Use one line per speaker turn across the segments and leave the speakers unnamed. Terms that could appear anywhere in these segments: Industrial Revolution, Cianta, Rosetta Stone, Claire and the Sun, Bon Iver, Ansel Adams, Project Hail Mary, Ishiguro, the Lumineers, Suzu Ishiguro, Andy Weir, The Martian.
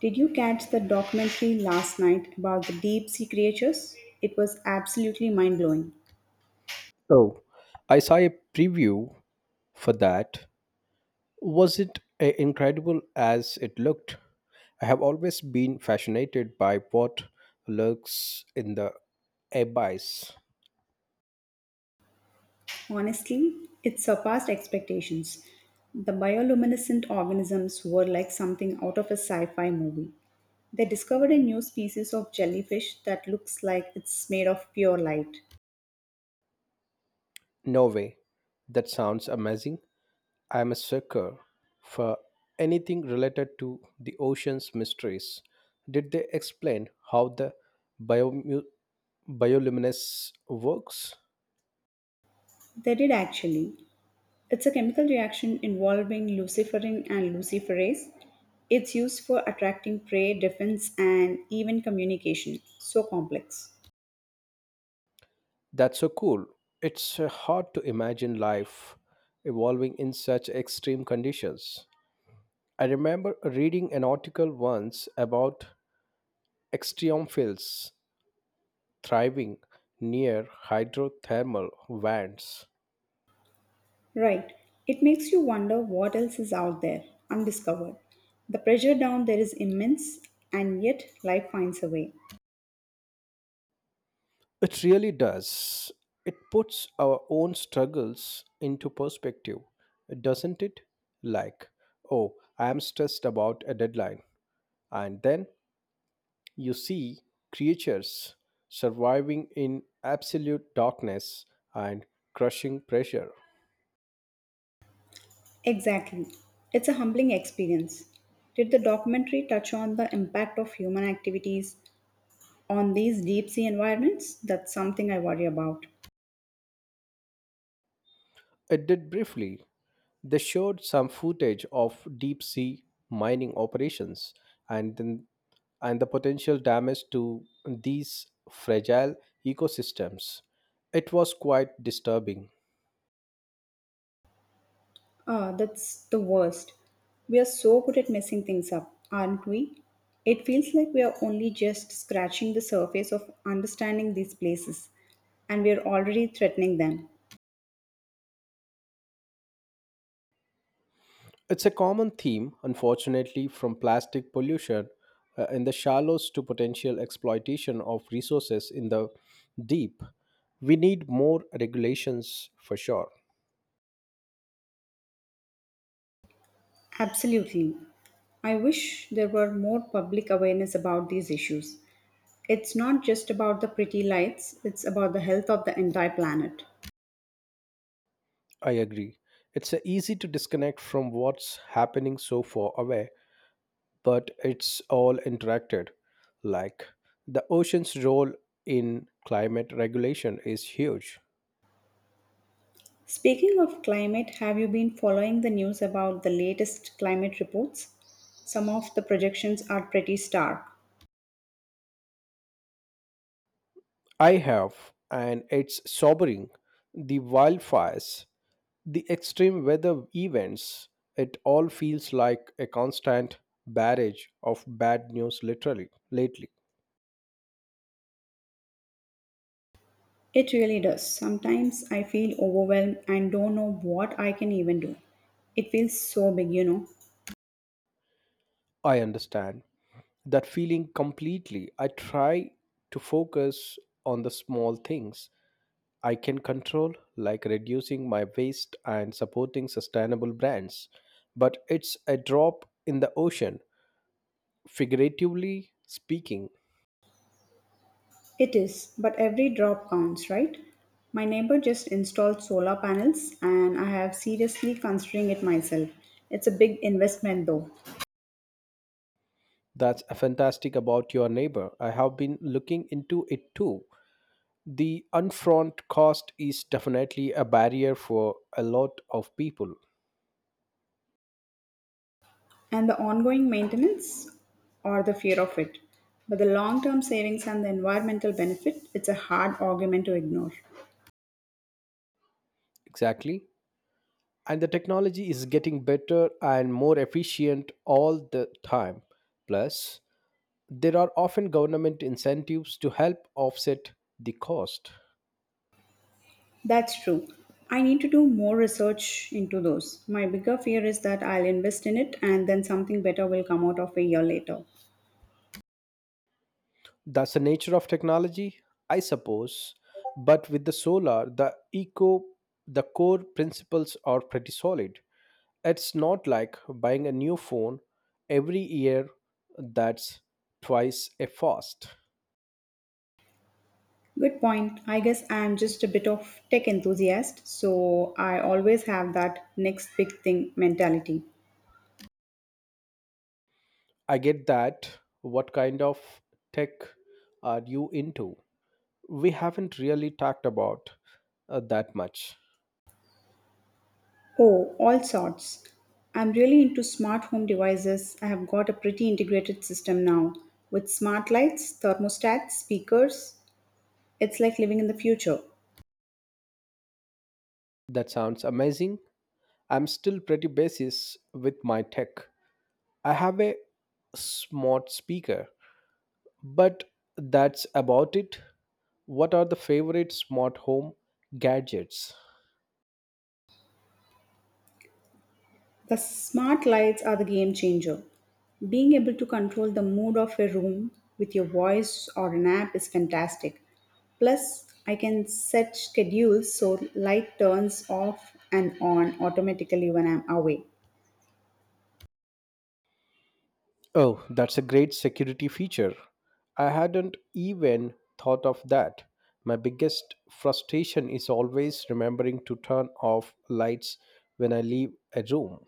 Did you catch the documentary last night about the deep sea creatures? It was absolutely mind blowing.
Oh, I saw a preview for that. Was it incredible as it looked? I have always been fascinated by what lurks in the abyss.
Honestly, it surpassed expectations. The bioluminescent organisms were like something out of a sci fi movie. They discovered a new species of jellyfish that looks like it's made of pure light.
No way. That sounds amazing. I am a sucker for anything related to the ocean's mysteries. Did they explain how the biomu bioluminescence works?
They did actually. It's a chemical reaction involving luciferin and luciferase. It's used for attracting prey, defense, and even communication. So complex.
That's so cool. It's hard to imagine life evolving in such extreme conditions. I remember reading an article once about extremophiles thriving near hydrothermal vents.
Right. It makes you wonder what else is out there, undiscovered. The pressure down there is immense, and yet life finds a way.
It really does. It puts our own struggles into perspective, doesn't it? Like, oh, I am stressed about a deadline. And then you see creatures surviving in absolute darkness and crushing pressure.
Exactly. It's a humbling experience. Did the documentary touch on the impact of human activities on these deep sea environments? That's something I worry about.
It did briefly. They showed some footage of deep sea mining operations and then and the potential damage to these fragile ecosystems. It was quite disturbing.
Ah, that's the worst. We are so good at messing things up, aren't we? It feels like we are only just scratching the surface of understanding these places, and we are already threatening them.
It's a common theme, unfortunately, from plastic pollution in the shallows to potential exploitation of resources in the deep. We need more regulations for sure.
Absolutely. I wish there were more public awareness about these issues. It's not just about the pretty lights, it's about the health of the entire planet.
I agree. It's easy to disconnect from what's happening so far away, but it's all interacted. Like the ocean's role in climate regulation is huge.
Speaking of climate, have you been following the news about the latest climate reports? Some of the projections are pretty stark.
I have, and it's sobering. The wildfires, the extreme weather events, it all feels like a constant barrage of bad news literally lately.
It really does. Sometimes I feel overwhelmed and don't know what I can even do. It feels so big, you know.
I understand that feeling completely. I try to focus on the small things I can control, like reducing my waste and supporting sustainable brands. But it's a drop in the ocean, figuratively speaking.
It is, but every drop counts, right? My neighbor just installed solar panels and I have seriously considering it myself. It's a big investment though.
That's fantastic about your neighbor. I have been looking into it too. The upfront cost is definitely a barrier for a lot of people.
And the ongoing maintenance or the fear of it. But the long term savings and the environmental benefit, it's a hard argument to ignore.
Exactly. And the technology is getting better and more efficient all the time. Plus, there are often government incentives to help offset the cost.
That's true. I need to do more research into those. My bigger fear is that I'll invest in it and then something better will come out of a year later.
That's the nature of technology, I suppose. But with the solar, the eco, the core principles are pretty solid. It's not like buying a new phone every year that's twice a fast.
Good point. I guess I'm just a bit of tech enthusiast, so I always have that next big thing mentality.
I get that. What kind of tech are you into? We haven't really talked about that much.
Oh, all sorts. I'm really into smart home devices. I have got a pretty integrated system now with smart lights, thermostats, speakers. It's like living in the future.
That sounds amazing. I'm still pretty basis with my tech. I have a smart speaker, but that's about it. What are the favorite smart home gadgets?
The smart lights are the game changer. Being able to control the mood of a room with your voice or an app is fantastic. Plus, I can set schedules so light turns off and on automatically when I'm away.
Oh, that's a great security feature. I hadn't even thought of that. My biggest frustration is always remembering to turn off lights when I leave a room.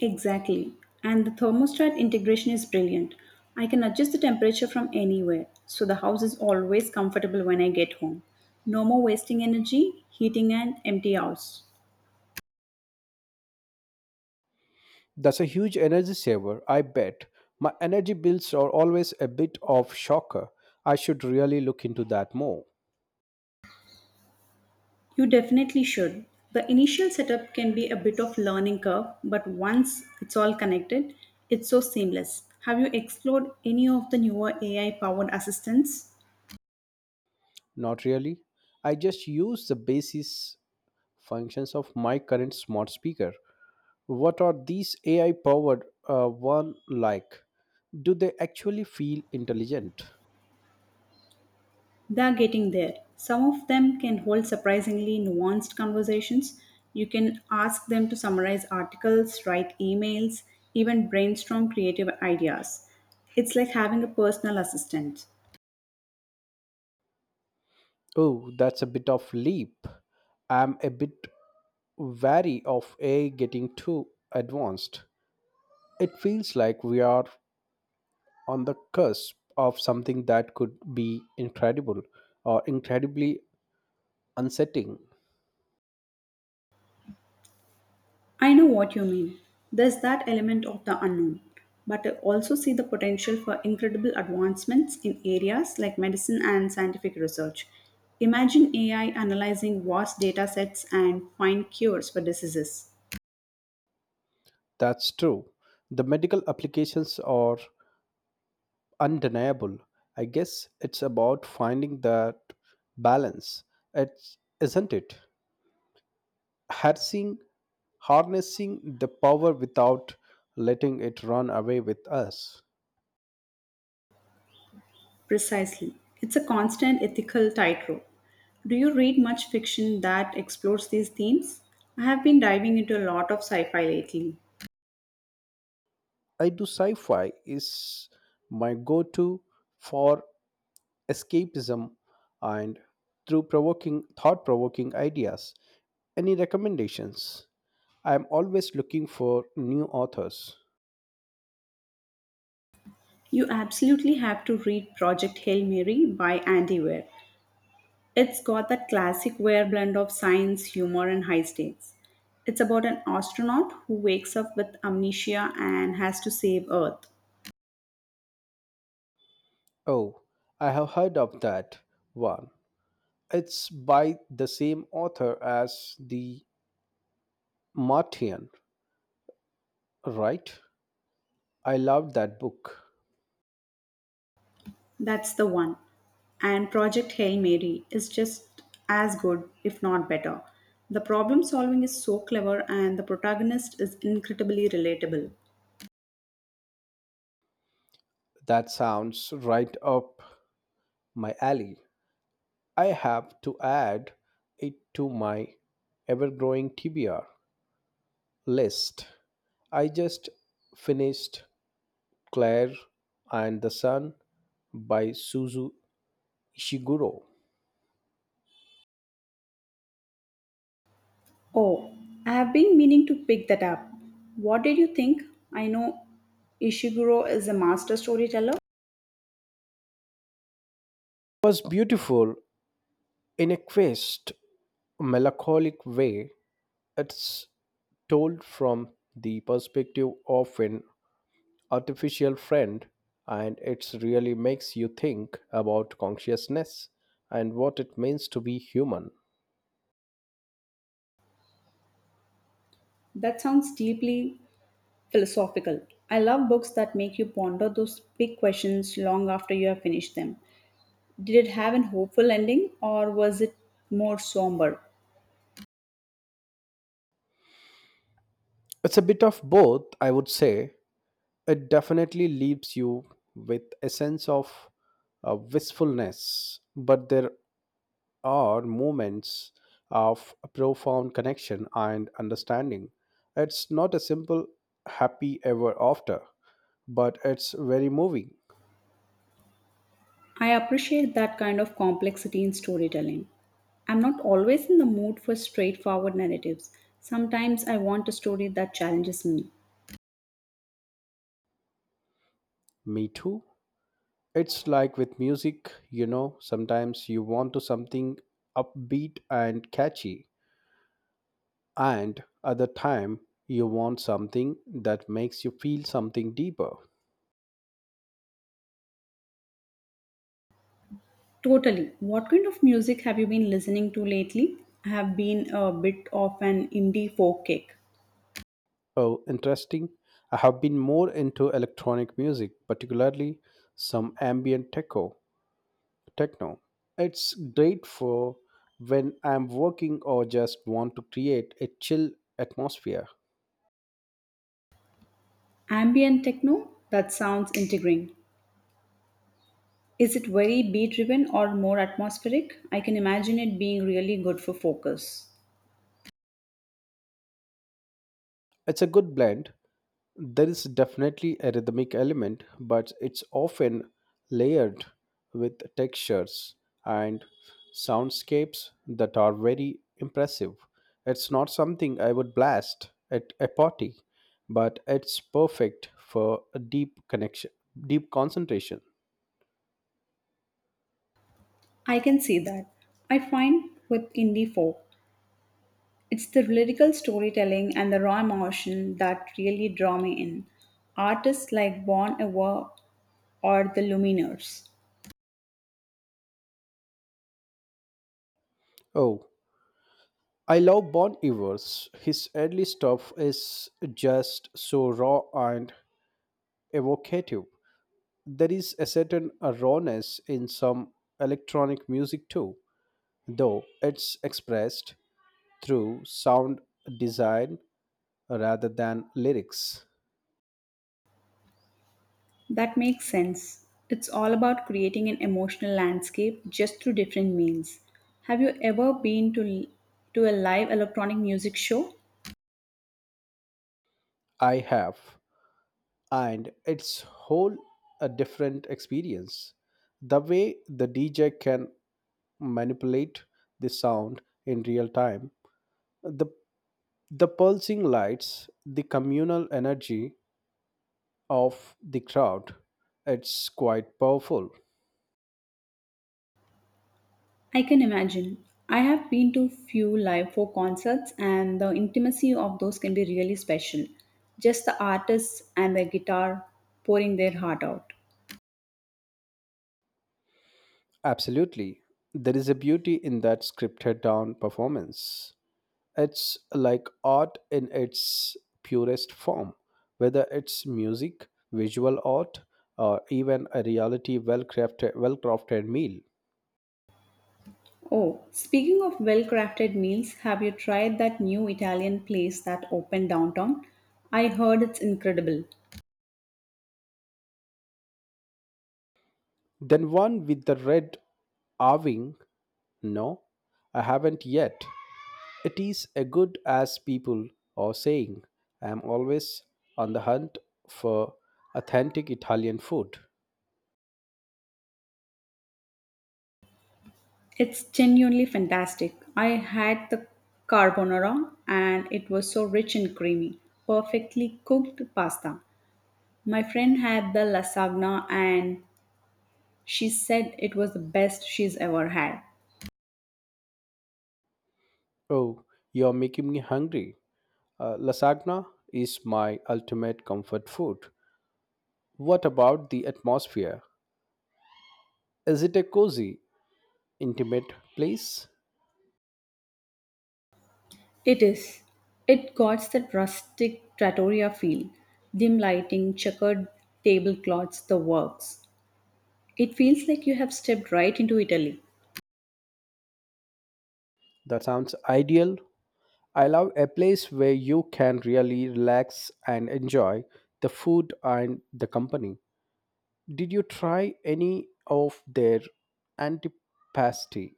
Exactly. And the thermostat integration is brilliant. I can adjust the temperature from anywhere, so the house is always comfortable when I get home. No more wasting energy heating an empty house.
That's a huge energy saver, I bet. My energy bills are always a bit of shocker. I should really look into that more.
You definitely should. The initial setup can be a bit of learning curve, but once it's all connected, it's so seamless. Have you explored any of the newer AI powered assistants?
Not really. I just use the basis functions of my current smart speaker. What are these AI powered one like? Do they actually feel intelligent?
They're getting there. Some of them can hold surprisingly nuanced conversations. You can ask them to summarize articles, write emails, even brainstorm creative ideas. It's like having a personal assistant.
Oh, that's a bit of leap. I'm a bit wary of AI getting too advanced. It feels like we are on the cusp of something that could be incredible or incredibly unsettling.
I know what you mean. There's that element of the unknown, but I also see the potential for incredible advancements in areas like medicine and scientific research. Imagine AI analyzing vast data sets and find cures for diseases.
That's true. The medical applications are undeniable. I guess it's about finding that balance, it's, isn't it? Harnessing, harnessing the power without letting it run away with us.
Precisely. It's a constant ethical tightrope. Do you read much fiction that explores these themes? I have been diving into a lot of sci fi lately.
I do sci fi is my go to for escapism and through provoking thought provoking ideas. Any recommendations? I am always looking for new authors.
You absolutely have to read Project Hail Mary by Andy Weir. It's got that classic wear blend of science, humor, and high stakes. It's about an astronaut who wakes up with amnesia and has to save Earth.
Oh, I have heard of that one. It's by the same author as The Martian, right? I loved that book.
That's the one. And Project Hail Mary is just as good, if not better. The problem solving is so clever, and the protagonist is incredibly relatable.
That sounds right up my alley. I have to add it to my ever growing TBR list. I just finished Claire and the Sun by Suzu Ishiguro. It
Oh, I have been meaning to pick that up. What did you think? I know Ishiguro is a master storyteller.
was beautiful in a quest melancholic way. It's told from the perspective of an artificial friend, and it really makes you think about consciousness and what it means to be human.
That sounds deeply philosophical. I love books that make you ponder those big questions long after you have finished them. Did it have an hopeful ending or was it more somber?
It's a bit of both, I would say. It definitely leaves you with a sense of wistfulness, but there are moments of profound connection and understanding. It's not a simple happy ever after, but it's very moving.
I appreciate that kind of complexity in storytelling. I'm not always in the mood for straightforward narratives. Sometimes I want a story that challenges me.
Me too. It's like with music, you know, sometimes you want to something upbeat and catchy, and other time you want something that makes you feel something deeper.
Totally. What kind of music have you been listening to lately? I have been a bit of an indie folk kick.
Oh, interesting. I have been more into electronic music, particularly some techno. It's great for when I'm working or just want to create a chill atmosphere.
Ambient techno? That sounds intriguing. Is it very beat driven or more atmospheric? I can imagine it being really good for focus.
It's a good blend. There is definitely a rhythmic element, but it's often layered with textures and soundscapes that are very impressive. It's not something I would blast at a party, but it's perfect for a deep concentration.
I can see that. I find with indie folk, it's the lyrical storytelling and the raw emotion that really draw me in. Artists like Bon Iver or the Lumineers.
Oh, I love Bon Iver's. His early stuff is just so raw and evocative. There is a certain rawness in some electronic music too, though it's expressed through sound design rather than lyrics.
That makes sense. It's all about creating an emotional landscape just through different means. Have you ever been to a live electronic music show?
I have, and it's whole a different experience. The way the DJ can manipulate the sound in real time, the the pulsing lights, the communal energy of the crowd, it's quite powerful.
I can imagine. I have been to few live folk concerts and the intimacy of those can be really special. Just the artists and their guitar pouring their heart out.
Absolutely. There is a beauty in that scripted down performance. It's like art in its purest form, whether it's music, visual art, or even a reality well crafted meal.
Oh, speaking of well-crafted meals, have you tried that new Italian place that opened downtown? I heard it's incredible.
Then one with the red carving, no, I haven't yet. It is a good as people are saying. I am always on the hunt for authentic Italian food.
It's genuinely fantastic. I had the carbonara and it was so rich and creamy, perfectly cooked pasta. My friend had the lasagna and she said it was the best she's ever had.
Oh, you're making me hungry. Lasagna is my ultimate comfort food. What about the atmosphere? Is it a cozy, intimate place?
It is. It got that rustic trattoria feel. Dim lighting, checkered tablecloths, the works. It feels like you have stepped right into Italy.
That sounds ideal. I love a place where you can really relax and enjoy the food and the company. Did you try any of their antipasti?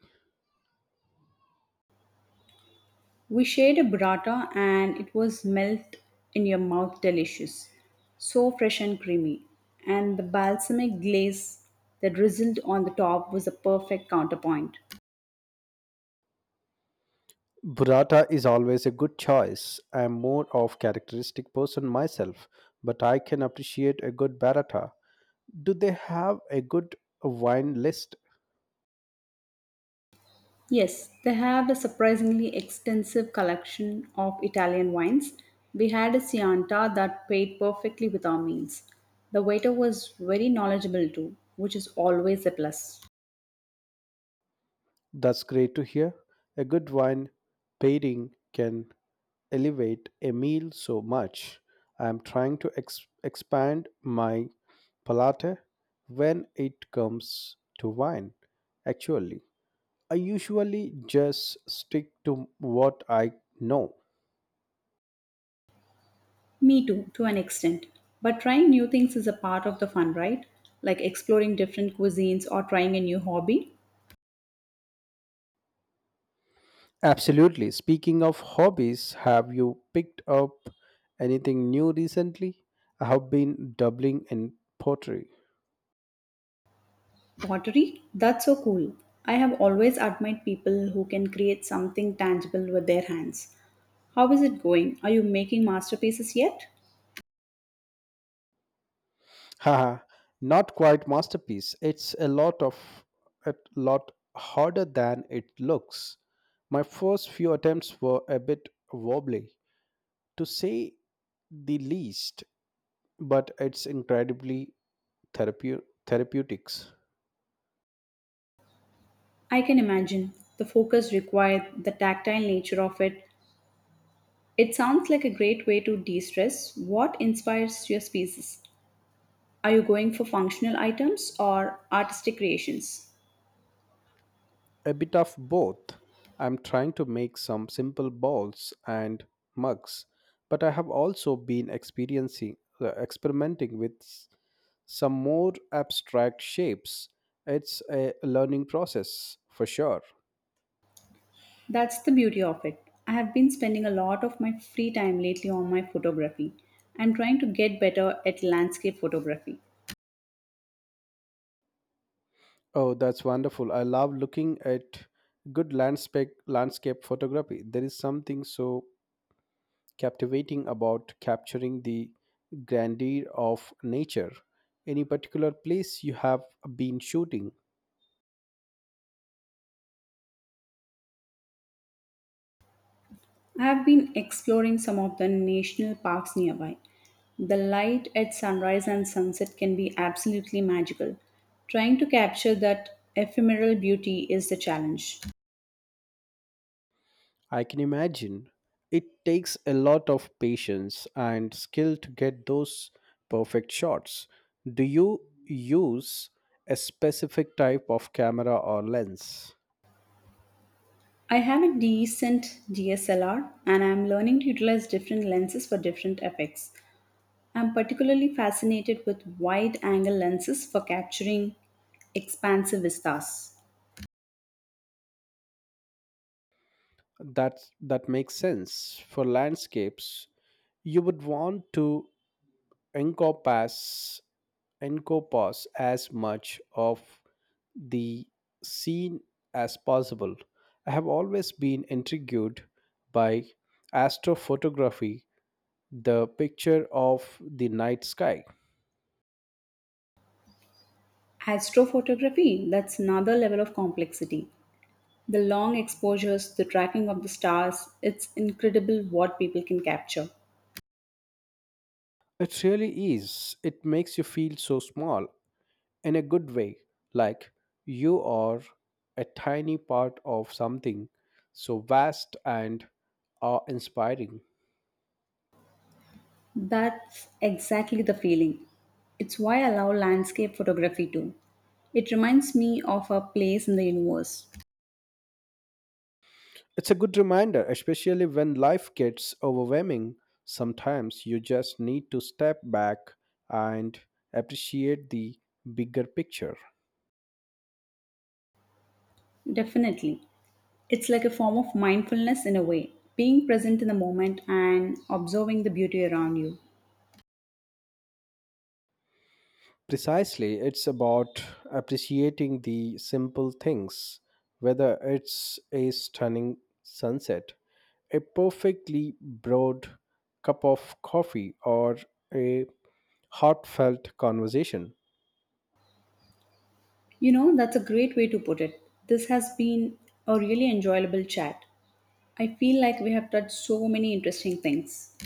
We shared a burrata and it was melt in your mouth delicious. So fresh and creamy. And the balsamic glaze that drizzled on the top was a perfect counterpoint.
Burrata is always a good choice. I am more of characteristic person myself, but I can appreciate a good burrata. Do they have a good wine list?
Yes, they have a surprisingly extensive collection of Italian wines. We had a Cianta that paired perfectly with our meals. The waiter was very knowledgeable too, which is always a plus.
That's great to hear. A good wine pairing can elevate a meal so much. I am trying to expand my palate when it comes to wine. Actually, I usually just stick to what I know.
Me too, to an extent. But trying new things is a part of the fun, right? Like exploring different cuisines or trying a new hobby.
Absolutely. Speaking of hobbies, have you picked up anything new recently? I have been doubling in pottery.
Pottery? That's so cool. I have always admired people who can create something tangible with their hands. How is it going? Are you making masterpieces yet?
Haha, not quite masterpiece. It's a lot harder than it looks. My first few attempts were a bit wobbly, to say the least, but it's incredibly therapeutics.
I can imagine the focus required, the tactile nature of it. It sounds like a great way to de stress. What inspires your pieces? Are you going for functional items or artistic creations?
A bit of both. I'm trying to make some simple balls and mugs, but I have also been experiencing experimenting with some more abstract shapes. It's a learning process for sure.
That's the beauty of it. I have been spending a lot of my free time lately on my photography. I'm trying to get better at landscape photography.
Oh, that's wonderful. I love looking at good landscape photography. There is something so captivating about capturing the grandeur of nature. Any particular place you have been shooting?
I have been exploring some of the national parks nearby. The light at sunrise and sunset can be absolutely magical. Trying to capture that ephemeral beauty is the challenge.
I can imagine. It takes a lot of patience and skill to get those perfect shots. Do you use a specific type of camera or lens?
I have a decent DSLR and I am learning to utilize different lenses for different effects. I'm particularly fascinated with wide angle lenses for capturing expansive vistas.
That makes sense. For landscapes, you would want to encompass encompass as much of the scene as possible. I have always been intrigued by astrophotography the picture of the night sky.
Astrophotography, that's another level of complexity. The long exposures, the tracking of the stars, it's incredible what people can capture.
It really is. It makes you feel so small in a good way, like you are a tiny part of something so vast and awe inspiring.
That's exactly the feeling. It's why I love landscape photography too. It reminds me of our place in the universe.
It's a good reminder, especially when life gets overwhelming. Sometimes you just need to step back and appreciate the bigger picture.
Definitely. It's like a form of mindfulness in a way, being present in the moment and observing the beauty around you.
Precisely, it's about appreciating the simple things, whether it's a stunning sunset, a perfectly brewed cup of coffee, or a heartfelt conversation.
You know, that's a great way to put it. This has been a really enjoyable chat. I feel like we have touched so many interesting things.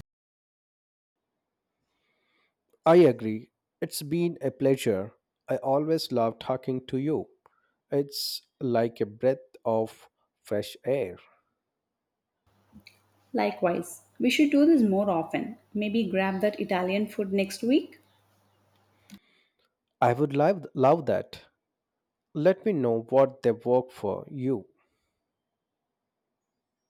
I agree. It's been a pleasure. I always love talking to you. It's like a breath of fresh air.
Likewise, we should do this more often. Maybe grab that Italian food next week?
I would love that. Let me know what they work for you.